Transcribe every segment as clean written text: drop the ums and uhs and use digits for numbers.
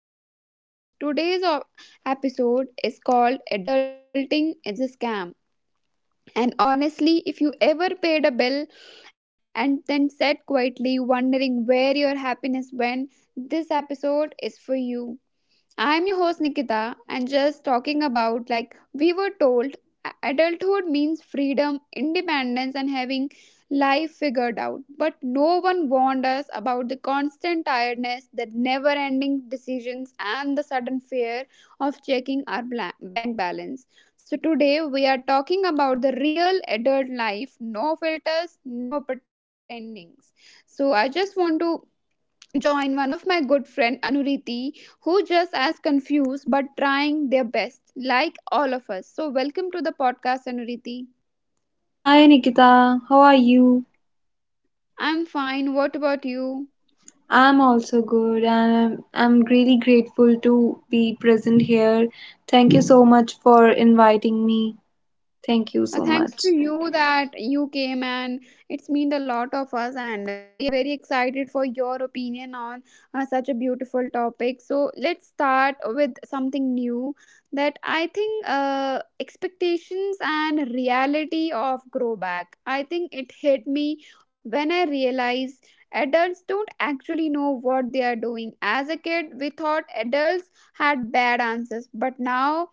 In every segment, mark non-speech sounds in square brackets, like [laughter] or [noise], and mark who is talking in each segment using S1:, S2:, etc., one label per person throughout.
S1: the podcast. Today's episode is called Adulting is a Scam. And honestly, if you ever paid a bill and then sat quietly wondering where your happiness went, this episode is for you. I'm your host Nikita and just talking about like we were told adulthood means freedom, independence and having life figured out. But no one warned us about the constant tiredness, the never-ending decisions and the sudden fear of checking our bank balance. So today we are talking about the real adult life, no filters, no pretendings. So I just want to join one of my good friend Anuriti, who just as confused but trying their best, like all of us. So welcome to the podcast, Anuriti.
S2: Hi Nikita, how are you?
S1: I'm fine. What about you?
S2: I'm also good and I'm really grateful to be present here. Thank you so much for inviting me. Thank you
S1: Uh,
S2: so
S1: thanks
S2: much.
S1: to you that you came and it's mean a lot of us and we are very excited for your opinion on such a beautiful topic, so let's start with something new that I think expectations and reality of grow back, I think it hit me when I realized adults don't actually know what they are doing. As a kid we thought adults had bad answers, but now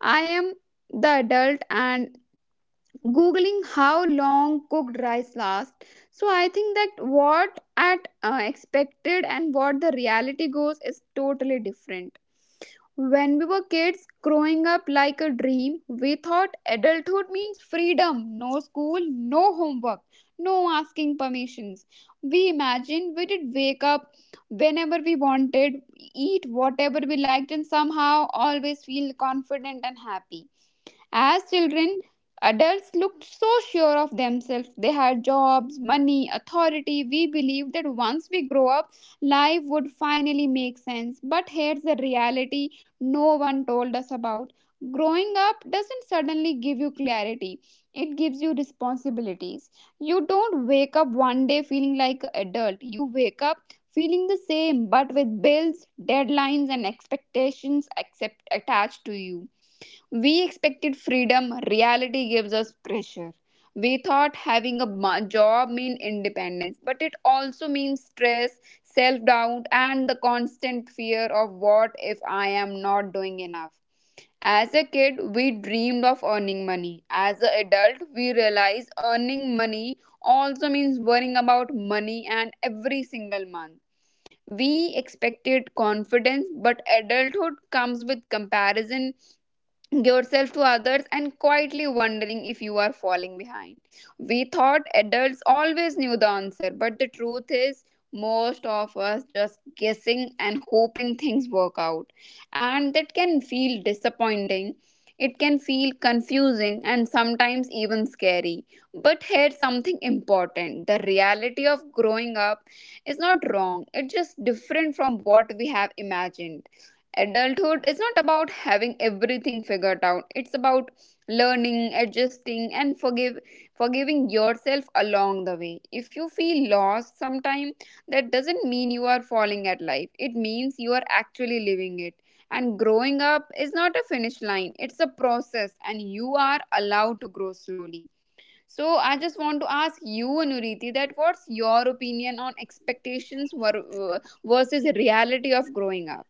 S1: I am the adult and googling how long cooked rice lasts. So I think that what at expected and what the reality goes is totally different. When we were kids growing up like a dream, we thought adulthood means freedom, no school, no homework, no asking permissions. We imagined we did wake up whenever we wanted, eat whatever we liked and somehow always feel confident and happy. As children, adults looked so sure of themselves. They had jobs, money, authority. We believed that once we grow up, life would finally make sense. But here's the reality no one told us about. Growing up doesn't suddenly give you clarity, it gives you responsibilities. You don't wake up one day feeling like an adult, you wake up feeling the same but with bills, deadlines, and expectations accept attached to you. We expected freedom, reality gives us pressure. We thought having a job means independence, but it also means stress, self doubt, and the constant fear of what if I am not doing enough. As a kid, we dreamed of earning money. As an adult, we realize earning money also means worrying about money and every single month. We expected confidence, but adulthood comes with comparison yourself to others and quietly wondering if you are falling behind. We thought adults always knew the answer, but the truth is, most of us just guessing and hoping things work out. And that can feel disappointing. It can feel confusing and sometimes even scary. But here's something important, the reality of growing up is not wrong, it's just different from what we have imagined. Adulthood is not about having everything figured out. It's about learning, adjusting, and forgive forgiving yourself along the way. If you feel lost sometime, that doesn't mean you are falling at life. It means you are actually living it. And growing up is not a finish line. It's a process, and you are allowed to grow slowly. So I just want to ask you, Anuriti, that what's your opinion on expectations versus reality of growing up?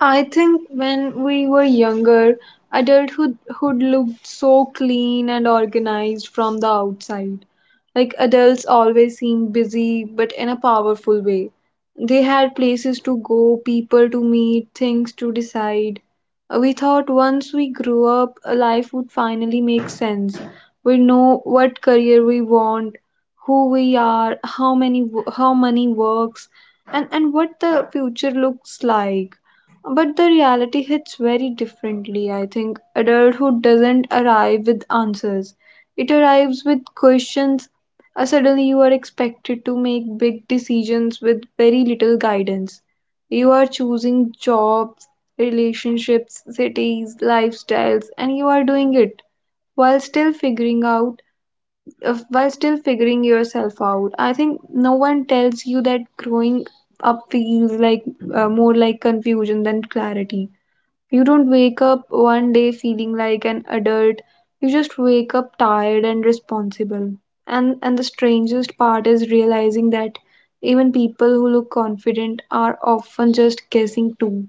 S2: I think when we were younger, adulthood hood looked so clean and organized from the outside. Like adults always seemed busy, but in a powerful way. They had places to go, people to meet, things to decide. We thought once we grew up, life would finally make sense. We know what career we want, who we are, how money works, and what the future looks like. But the reality hits very differently, I think. Adulthood doesn't arrive with answers, it arrives with questions. Suddenly, you are expected to make big decisions with very little guidance. You are choosing jobs, relationships, cities, lifestyles, and you are doing it while still figuring out while still figuring yourself out. I think no one tells you that growing up feels like, more like confusion than clarity. You don't wake up one day feeling like an adult. You just wake up tired and responsible. And the strangest part is realizing that even people who look confident are often just guessing too.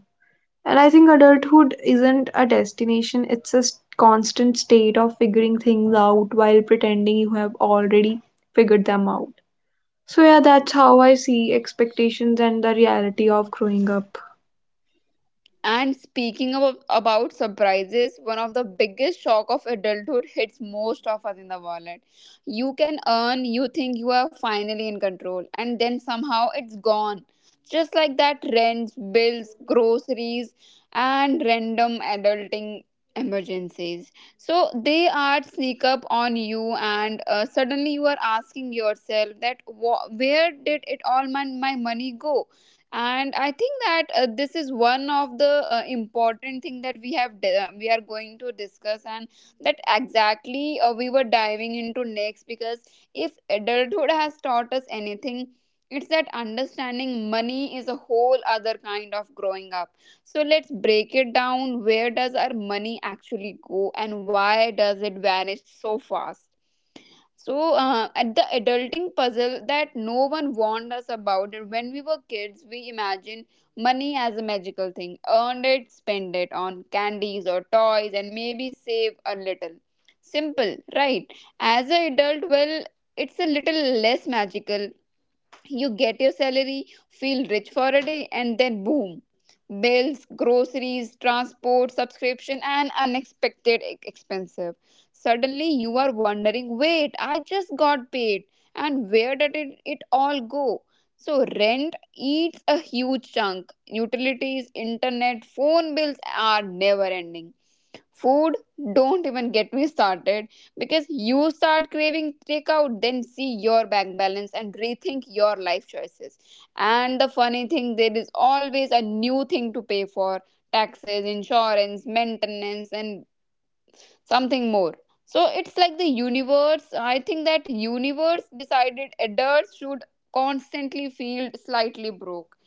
S2: And I think adulthood isn't a destination, it's a constant state of figuring things out while pretending you have already figured them out. So yeah, that's how I see expectations and the reality of growing up.
S1: And speaking of, about surprises, one of the biggest shock of adulthood hits most of us in the wallet. You can earn, you think you are finally in control, and then somehow it's gone. Just like that, rents, bills, groceries, and random adulting emergencies. So they are sneak up on you, and suddenly you are asking yourself that wha where did it all my, my money go? And I think that this is one of the important thing that we have we are going to discuss and that exactly we were diving into next, because if adulthood has taught us anything, it's that understanding money is a whole other kind of growing up. So let's break it down, where does our money actually go and why does it vanish so fast? So, at the adulting puzzle that no one warned us about, when we were kids, we imagined money as a magical thing. Earned it, spend it on candies or toys, and maybe save a little. Simple, right? As an adult, well, it's a little less magical. You get your salary, feel rich for a day, and then boom, bills, groceries, transport, subscription, and unexpected expensive. Suddenly, you are wondering wait, I just got paid, and where did it all go? So, rent eats a huge chunk. Utilities, internet, phone bills are never ending. Food, don't even get me started, because you start craving takeout then see your bank balance and rethink your life choices. And the funny thing, there is always a new thing to pay for, taxes, insurance, maintenance and something more. So it's like the universe, I think that universe decided adults should constantly feel slightly broke.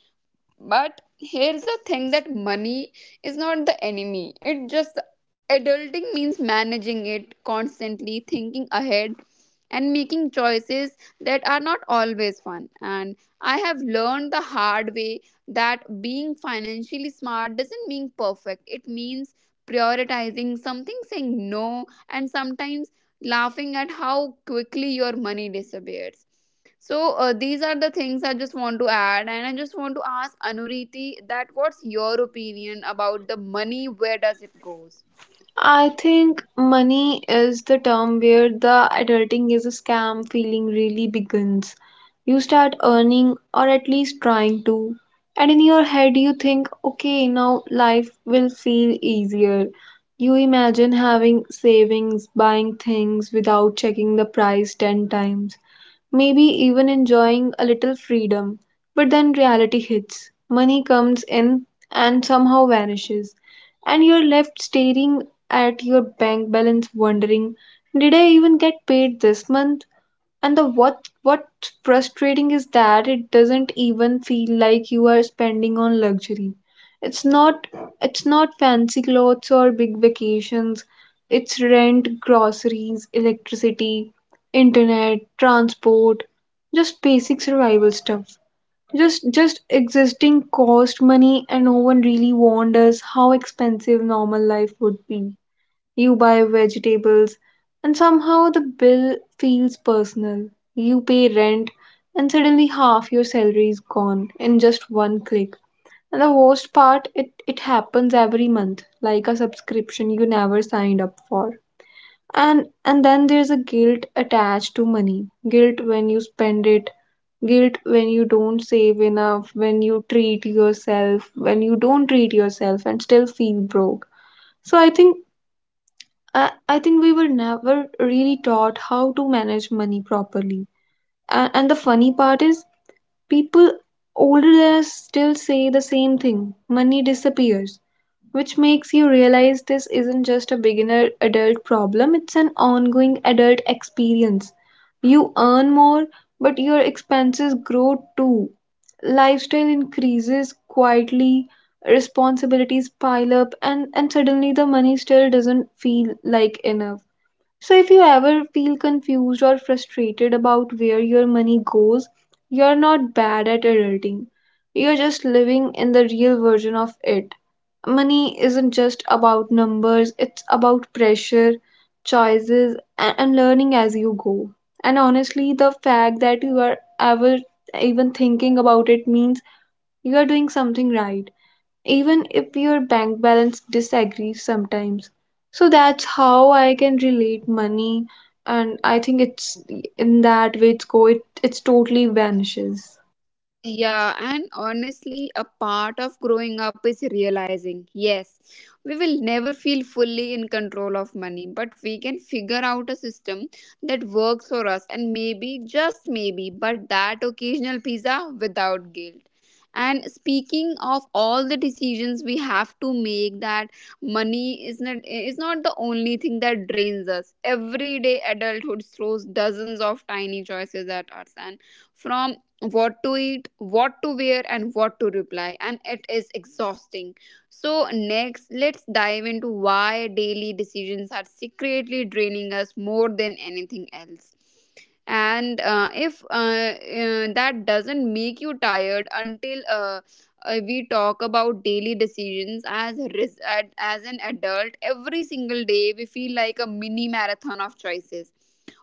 S1: But here's the thing, that money is not the enemy. It just adulting means managing it constantly, thinking ahead and making choices that are not always fun. And I have learned the hard way that being financially smart doesn't mean perfect. It means prioritizing something, saying no, and sometimes laughing at how quickly your money disappears. So these are the things I just want to add, and I just want to ask Anuriti that what's your opinion about the money? Where does it goes?
S2: I think money is the term where the adulting is a scam feeling really begins. You start earning, or at least trying to, and in your head you think, okay, now life will feel easier. You imagine having savings, buying things without checking the price 10 times, maybe even enjoying a little freedom. But then reality hits. Money comes in and somehow vanishes, and you're left staring at your bank balance wondering, did I even get paid this month? And the what frustrating is that it doesn't even feel like you are spending on luxury. It's not it's not fancy clothes or big vacations. It's rent, groceries, electricity, internet, transport, just basic survival stuff. Just existing cost money, and no one really warned us how expensive normal life would be. You buy vegetables, and somehow the bill feels personal. You pay rent, and suddenly half your salary is gone in just one click. And the worst part, it happens every month, like a subscription you never signed up for. And then there's a guilt attached to money. Guilt when you spend it, guilt when you don't save enough, when you treat yourself, when you don't treat yourself and still feel broke. So I think I think we were never really taught how to manage money properly. And the funny part is, people older than us still say the same thing: money disappears, which makes you realize this isn't just a beginner adult problem, it's an ongoing adult experience. You earn more, but your expenses grow too. Lifestyle increases quietly, responsibilities pile up, and suddenly the money still doesn't feel like enough. So, if you ever feel confused or frustrated about where your money goes, you're not bad at adulting. You're just living in the real version of it. Money isn't just about numbers, it's about pressure, choices, and learning as you go. And honestly, the fact that you are ever even thinking about it means you are doing something right, even if your bank balance disagrees sometimes. So that's how I can relate money, and I think it's in that way it's go it it's totally vanishes.
S1: Yeah, and honestly, a part of growing up is realizing yes, we will never feel fully in control of money, but we can figure out a system that works for us and maybe, just maybe, but that occasional pizza without guilt. And speaking of all the decisions we have to make, that money is not the only thing that drains us. Every day, adulthood throws dozens of tiny choices at us, and from what to eat, what to wear, and what to reply, and it is exhausting. So, next, let's dive into why daily decisions are secretly draining us more than anything else. And if that doesn't make you tired until we talk about daily decisions as a as an adult, every single day we feel like a mini marathon of choices.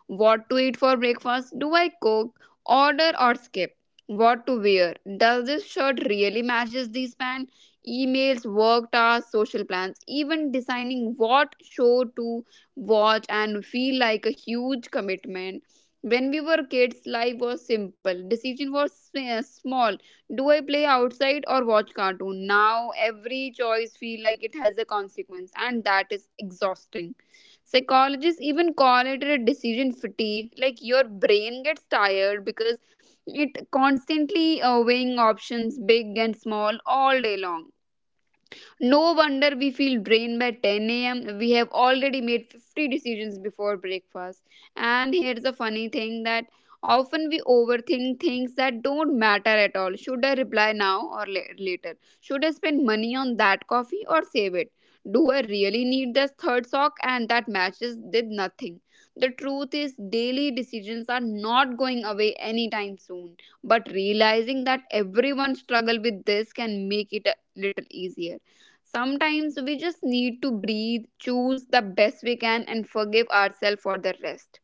S1: What to eat for breakfast? Do I cook, order, or skip? What to wear? Does this shirt really matches this pant? Emails, work tasks, social plans, even deciding what show to watch and feel like a huge commitment. When we were kids, life was simple. Decision was small. Do I play outside or watch cartoon? Now every choice feel like it has a consequence, and that is exhausting. Psychologists even call it a decision fatigue. Like your brain gets tired because it constantly weighing options, big and small, all day long. No wonder we feel drained by 10 a.m. We have already made 50 decisions before breakfast. And here's the funny thing that often we overthink things that don't matter at all. Should I reply now or later? Should I spend money on that coffee or save it? Do I really need this third sock and that matches did nothing? The truth is, daily decisions are not going away anytime soon, but realizing that everyone struggle with this can make it a little easier. Sometimes we just need to breathe, choose the best we can, and forgive ourselves for the rest.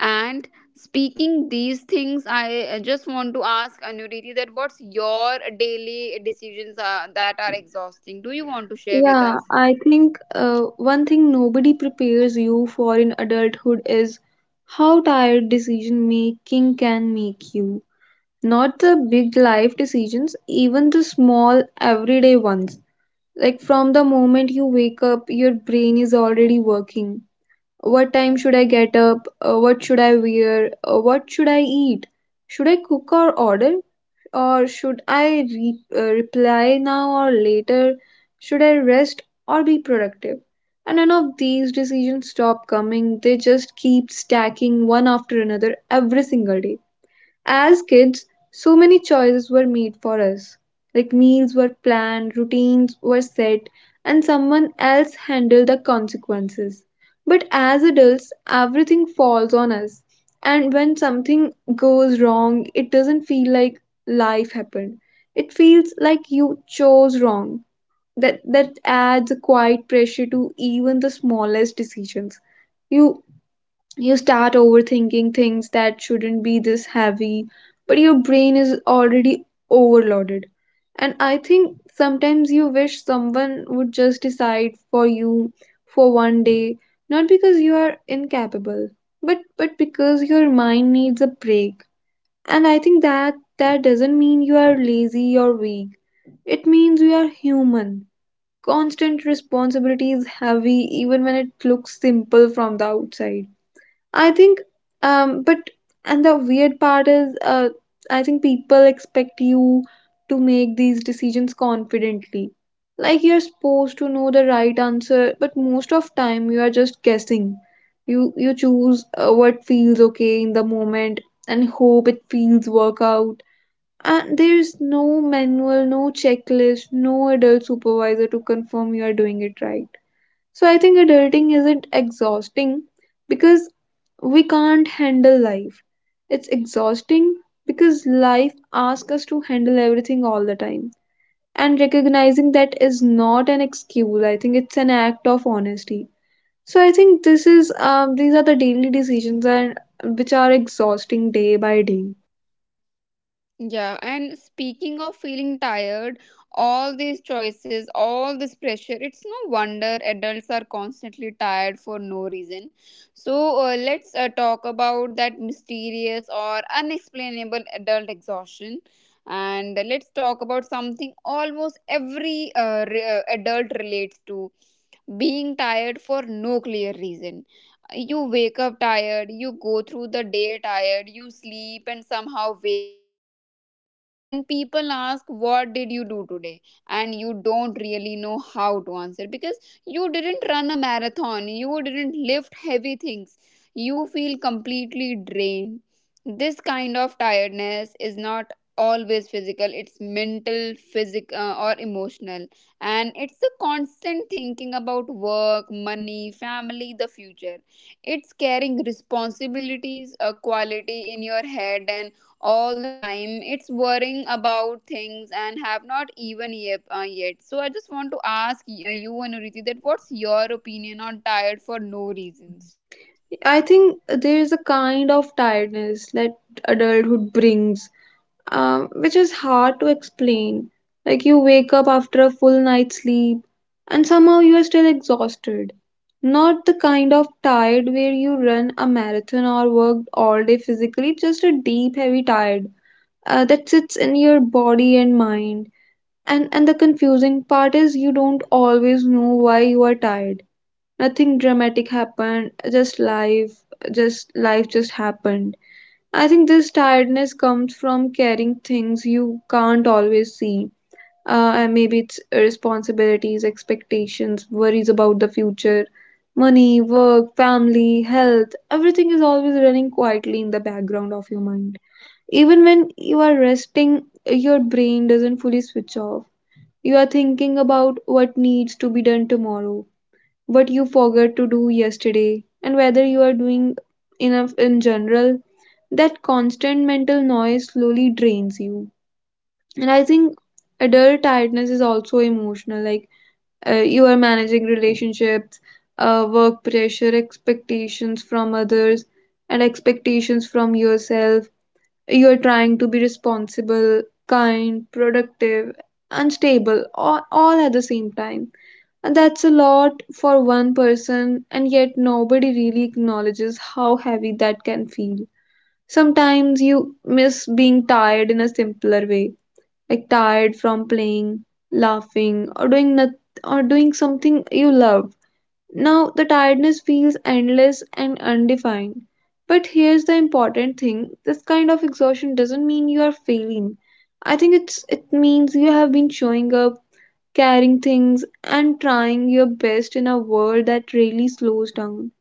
S1: And speaking these things, I just want to ask Anuriti that what's your daily decisions that are exhausting? Do you want to share with
S2: Yeah,
S1: us?
S2: I think one thing nobody prepares you for in adulthood is how tired decision making can make you. Not the big life decisions, even the small everyday ones. Like from the moment you wake up, your brain is already working. What time should I get up? What should I wear? What should I eat? Should I cook or order? Or should I reply now or later? Should I rest or be productive? And none of these decisions stop coming, they just keep stacking one after another every single day. As kids, so many choices were made for us. Like meals were planned, routines were set, and someone else handled the consequences. But as adults, everything falls on us. And when something goes wrong, it doesn't feel like life happened. It feels like you chose wrong. That adds a quiet pressure to even the smallest decisions. You you start overthinking things that shouldn't be this heavy, but your brain is already overloaded. And I think sometimes you wish someone would just decide for you for one day, not because you are incapable, but because your mind needs a break. And I think that doesn't mean you are lazy or weak. It means you are human. Constant responsibility is heavy even when it looks simple from the outside. I think, but and the weird part is, I think people expect you to make these decisions confidently. Like you're supposed to know the right answer, but most of time you are just guessing. You choose what feels okay in the moment and hope it feels work out. And there's no manual, no checklist, no adult supervisor to confirm you are doing it right. So I think adulting isn't exhausting because we can't handle life. It's exhausting because life asks us to handle everything all the time. And recognizing that is not an excuse, I think it's an act of honesty. So I think this is, these are the daily decisions and which are exhausting day by day.
S1: Yeah, and speaking of feeling tired, all these choices, all this pressure, it's no wonder adults are constantly tired for no reason. So, let's talk about that mysterious or unexplainable adult exhaustion. And let's talk about something almost every adult relates to, being tired for no clear reason. You wake up tired, you go through the day tired, you sleep and somehow wake up tired again. And people ask what did you do today, and you don't really know how to answer because you didn't run a marathon, you didn't lift heavy things, you feel completely drained. This kind of tiredness is not always physical, it's mental, physical, or emotional. And it's a constant thinking about work, money, family, the future. It's carrying responsibilities a quality in your head and all the time it's worrying about things and have not even yet, yet. So I just want to ask y- you and that what's your opinion on tired for no reasons?
S2: I think there is a kind of tiredness that adulthood brings, which is hard to explain. Like you wake up after a full night's sleep and somehow you are still exhausted. Not the kind of tired where you run a marathon or worked all day physically, just a deep, heavy tired that sits in your body and mind. And the confusing part is you don't always know why you are tired. Nothing dramatic happened, just life, just life just happened. I think this tiredness comes from carrying things you can't always see. And maybe it's responsibilities, expectations, worries about the future, money, work, family, health. Everything is always running quietly in the background of your mind. Even when you are resting, your brain doesn't fully switch off. You are thinking about what needs to be done tomorrow, what you forgot to do yesterday, and whether you are doing enough in general. That constant mental noise slowly drains you. And I think adult tiredness is also emotional. Like you are managing relationships, work pressure, expectations from others, and expectations from yourself. You are trying to be responsible, kind, productive, unstable, all at the same time. And that's a lot for one person, and yet nobody really acknowledges how heavy that can feel. Sometimes you miss being tired in a simpler way, like tired from playing, laughing, or doing something you love. Now the tiredness feels endless and undefined. But here's the important thing: this kind of exhaustion doesn't mean you are failing. I think it means you have been showing up, carrying things, and trying your best in a world that really slows down.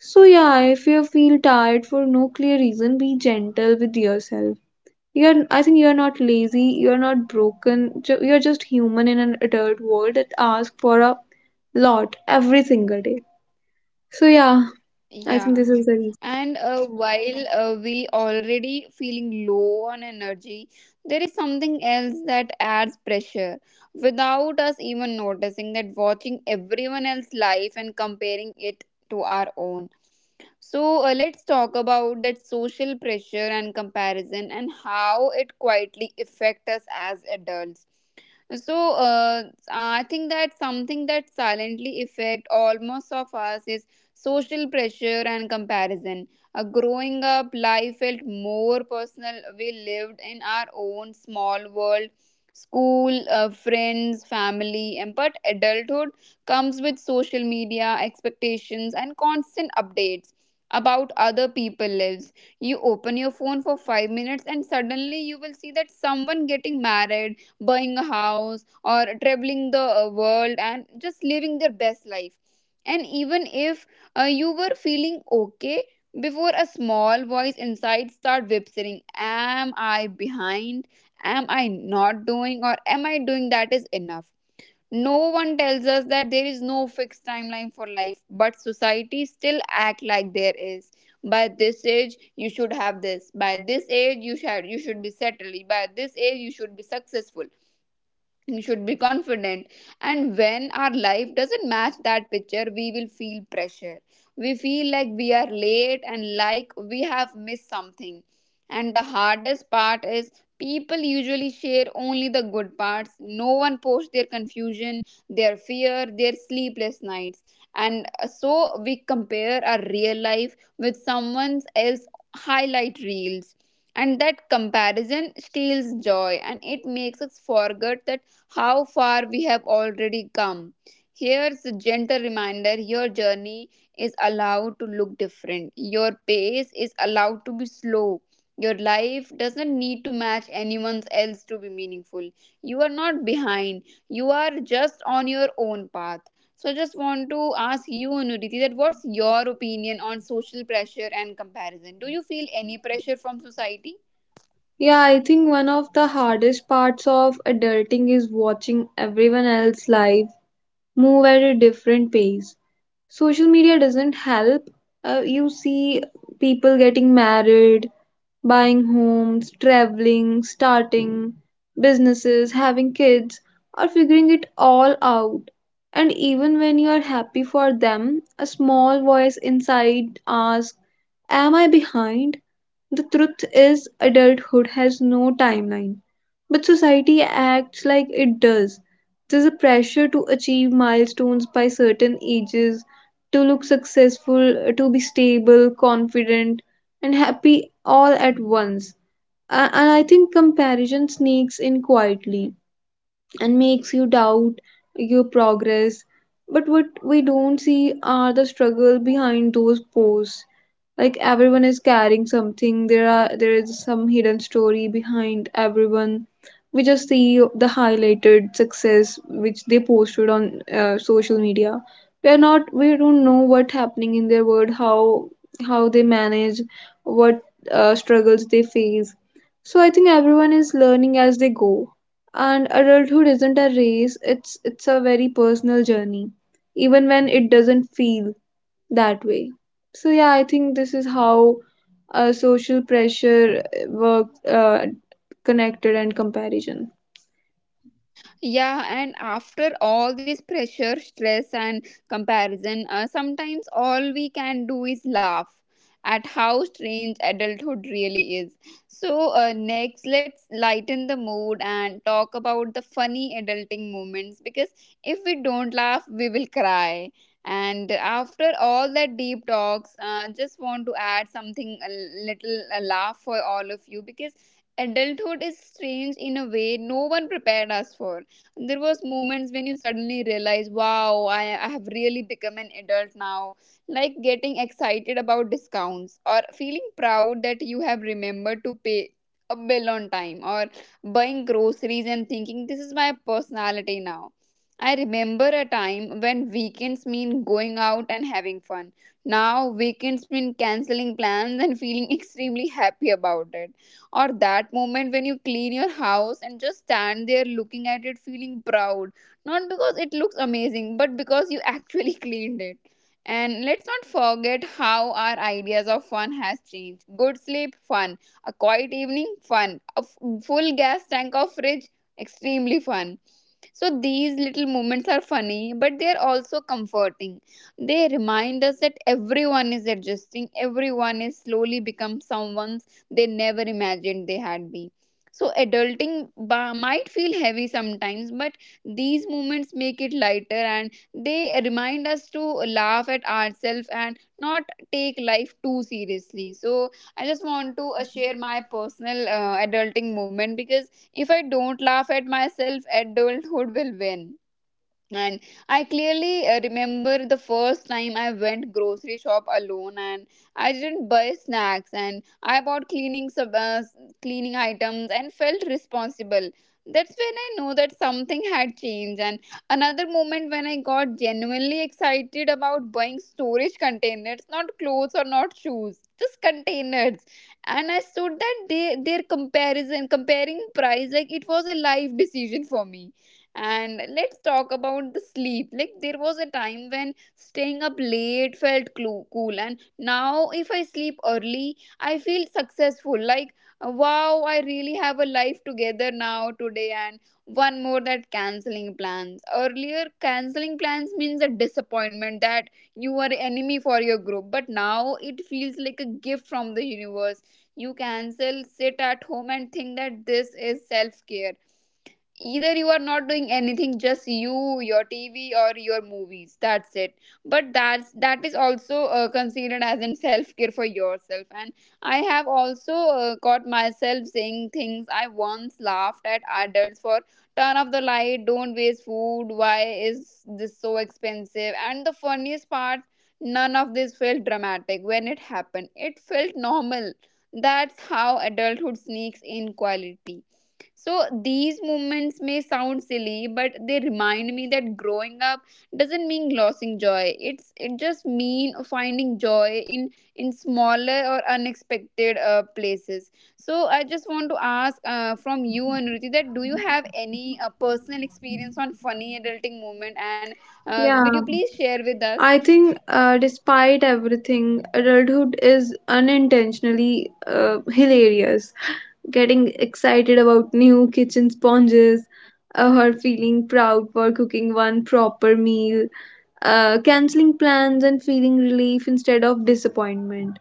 S2: So, yeah, if you feel tired for no clear reason, be gentle with yourself. I think you're not lazy, you're not broken, you're just human in an adult world that asks for a lot every single day. So, yeah, I think
S1: Yeah.
S2: this is the reason.
S1: And while we already feeling low on energy, there is something else that adds pressure without us even noticing that: watching everyone else's life and comparing it to our own. So, let's talk about that social pressure and comparison and how it quietly affect us as adults. so uh, I think that something that silently affect almost of us is social pressure and comparison. Growing up, life felt more personal. We lived in our own small world. School, friends, family, and but adulthood comes with social media, expectations, and constant updates about other people lives. You open your phone for 5 minutes and suddenly you will see that someone getting married, buying a house, or traveling the world and just living their best life. And even if you were feeling okay before, a small voice inside start whispering, "Am I behind? Am I not doing? Or am I doing that is enough?" No one tells us that there is no fixed timeline for life, but society still act like there is. By this age, you should have this. By this age, you should be settled. By this age, you should be successful. We should be confident. And when our life doesn't match that picture, we will feel pressure. We feel like we are late and like we have missed something. And the hardest part is, people usually share only the good parts. No one posts their confusion, their fear, their sleepless nights. And uh, so we compare our real life with someone else highlight reels, and that comparison steals joy, and it makes us forget that how far we have already come. Here's a gentle reminder: your journey is allowed to look different, your pace is allowed to be slow. Your life doesn't need to match anyone else to be meaningful. You are not behind. You are just on your own path. So I just want to ask you, Nuriti, that what's your opinion on social pressure and comparison? Do you feel any pressure from society?
S2: Yeah, I think one of the hardest parts of adulting is watching everyone else's life move at a different pace. Social media doesn't help. You see people getting married, buying homes, traveling, starting businesses, having kids, or figuring it all out. And even when you are happy for them, a small voice inside asks, am I behind? The truth is, adulthood has no timeline, but society acts like it does. There's a pressure to achieve milestones by certain ages, to look successful, to be stable, confident, and happy all at once. And I think comparison sneaks in quietly and makes you doubt your progress. But what we don't see are the struggle behind those posts. Like everyone is carrying something. There is some hidden story behind everyone. We just see the highlighted success which they posted on social media. We are not we don't know what happening in their world, how they manage, what struggles they face. So I think everyone is learning as they go, and adulthood isn't a race, it's a very personal journey, even when it doesn't feel that way. So yeah, I think this is how social pressure work connected and comparison.
S1: Yeah, and after all this pressure, stress, and comparison, sometimes all we can do is laugh at how strange adulthood really is. So, next, let's lighten the mood and talk about the funny adulting moments, because if we don't laugh, we will cry. And after all that deep talks, just want to add something a little a laugh for all of you, because adulthood is strange in a way no one prepared us for. There was moments when you suddenly realize, wow, I have really become an adult now. Like getting excited about discounts, or feeling proud that you have remembered to pay a bill on time, or buying groceries and thinking, this is my personality now. I remember a time when weekends mean going out and having fun. Now, weekends mean canceling plans and feeling [laughs] extremely happy about it. Or that moment when you clean your house and just stand there looking at it feeling proud, not because it looks amazing but because you actually [laughs] cleaned it. And let's not forget how our ideas of fun has changed. Good sleep, fun. A quiet evening, fun. A full gas tank of fridge, extremely fun. So these little moments are funny, but they are also comforting. They remind us that everyone is adjusting, everyone is slowly become someone they never imagined they had been. So adulting might feel heavy sometimes, but these moments make it lighter, and they remind us to laugh at ourselves and not take life too seriously. So I just want to share my personal adulting moment, because if I don't laugh at myself, adulthood will win. And I clearly remember the first time I went grocery shop alone, and I didn't buy snacks and I bought cleaning items and felt responsible. That's when I know that something had changed. And another moment when I got genuinely excited about buying storage containers, not clothes or not shoes, just containers. And I stood that their comparison comparing price like it was a life decision for me. And let's talk about the sleep. Like, there was a time when staying up late felt cool, and now if I sleep early, I feel successful. Like, wow, I really have a life together now today. And one more that canceling plans. Earlier, canceling plans means a disappointment that you are enemy for your group, but now it feels like a gift from the universe. You cancel, sit at home, and think that this is self care. Either you are not doing anything, just you, your tv, or your movies, that's it. But that's that is also considered as in self care for yourself. And I have also caught myself saying things I once laughed at adults for: turn off the light, don't waste food, why is this so expensive. And the funniest part, none of this felt dramatic when it happened, it felt normal. That's how adulthood sneaks in quality. So these moments may sound silly, but they remind me that growing up doesn't mean losing joy. It just mean finding joy in smaller or unexpected places. So I just want to ask from you, Anuruti, that do you have any personal experience on funny adulting moment, and would
S2: Yeah,
S1: you please share with us?
S2: I think despite everything, adulthood is unintentionally hilarious. Getting excited about new kitchen sponges, or feeling proud for cooking one proper meal, canceling plans and feeling relief instead of disappointment,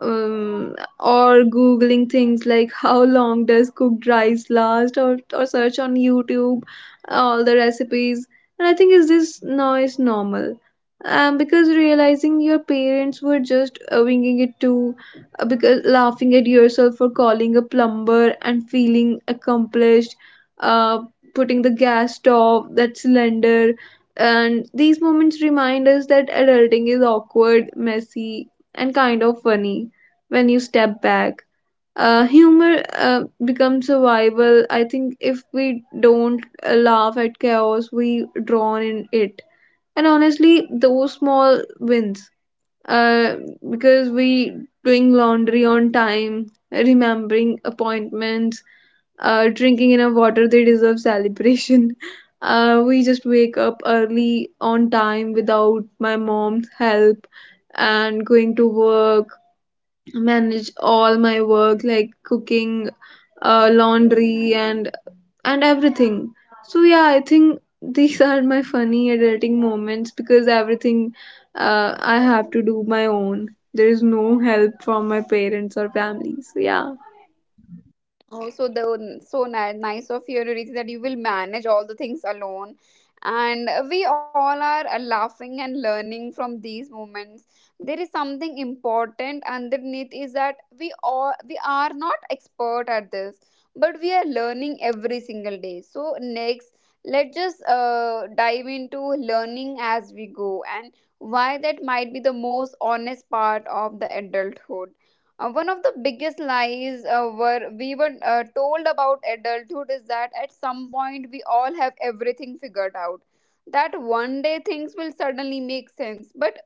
S2: or googling things like how long does cooked rice last, or search on youtube all the recipes. And I think is this now is normal, because realizing your parents were just winging it too, because laughing at yourself for calling a plumber and feeling accomplished, uh, putting the gas stove that cylinder. And these moments remind us that adulting is awkward, messy, and kind of funny when you step back. Humor becomes survival. I think if we don't laugh at chaos, we drown in it. And honestly, those small wins, uh, because we doing laundry on time, remembering appointments, drinking enough water, they deserve celebration. [laughs] We just wake up early on time without my mom's help and going to work, manage all my work like cooking, laundry and everything. So yeah I think [laughs] these are my funny adulting moments because everything I have to do my own. There is no help from my parents or family. So yeah,
S1: Oh, so the so nice of you, Riti, that you will manage all the things alone, and we all are laughing and learning from these moments. There is something important underneath is that we all we are not expert at this, but we are learning every single day. So next, let's just dive into learning as we go and why that might be the most honest part of the adulthood. One of the biggest lies were we were told about adulthood is that at some point we all have everything figured out. That one day things will suddenly make sense, but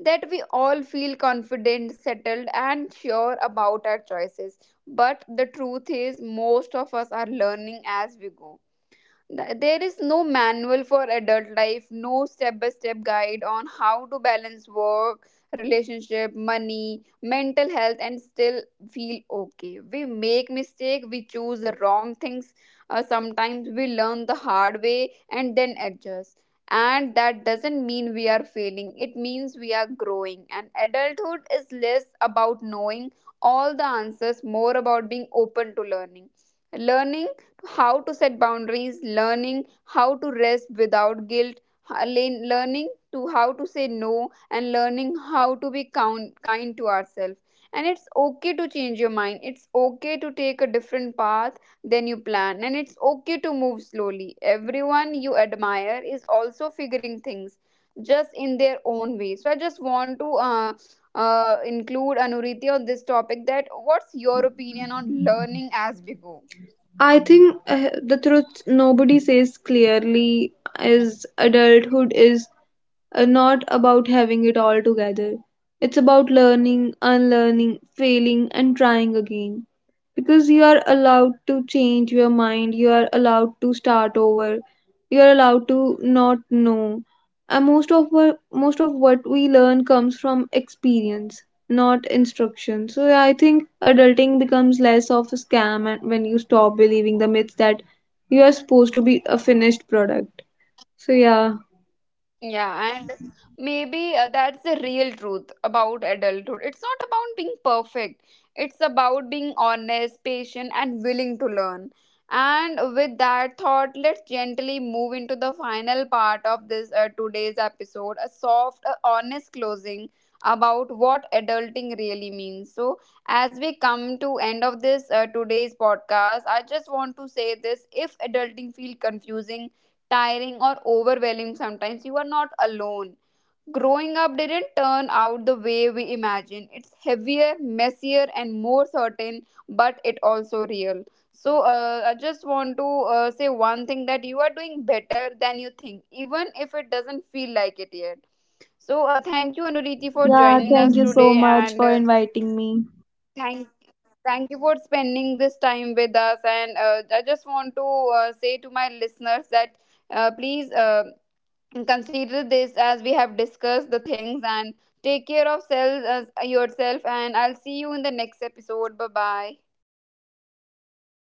S1: that we all feel confident, settled, and sure about our choices. But the truth is, most of us are learning as we go. There is no manual for adult life, no step by step guide on how to balance work, relationship, money, mental health, and still feel okay. We make mistakes, we choose the wrong things. Sometimes we learn the hard way and then adjust. And that doesn't mean we are failing, it means we are growing. And adulthood is less about knowing all the answers, more about being open to learning. Learning how to set boundaries, learning how to rest without guilt, learning to how to say no, and learning how to be kind to ourselves. And it's okay to change your mind. It's okay to take a different path than you plan. And it's okay to move slowly. Everyone you admire is also figuring things just in their own way. So I just want to include Anuriti on this topic that what's your opinion on learning as we go?
S2: I think the truth nobody says clearly is adulthood is not about having it all together, it's about learning, unlearning, failing, and trying again. Because you are allowed to change your mind, you are allowed to start over, you are allowed to not know. And most of what we learn comes from experience, not instruction. So yeah, I think adulting becomes less of a scam and when you stop believing the myths that you are supposed to be a finished product. So yeah.
S1: Yeah, and maybe that's the real truth about adulthood. It's not about being perfect, it's about being honest, patient, and willing to learn. And with that thought, let's gently move into the final part of this today's episode, a soft, honest closing about what adulting really means. So as we come to end of this today's podcast, I just want to say this: if adulting feel confusing, tiring, or overwhelming sometimes, you are not alone. Growing up didn't turn out the way we imagined. It's heavier, messier, and more certain, but it also real. So I just want to say one thing, that you are doing better than you think, even if it doesn't feel like it yet. So thank you, Anuriti, for
S2: Yeah,
S1: joining
S2: thank
S1: us
S2: you so
S1: today,
S2: much
S1: and
S2: for inviting me.
S1: thank thank you for spending this time with us. And I just want to say to my listeners that please and consider this as we have discussed the things and take care of yourself, and I'll see you in the next episode. Bye bye.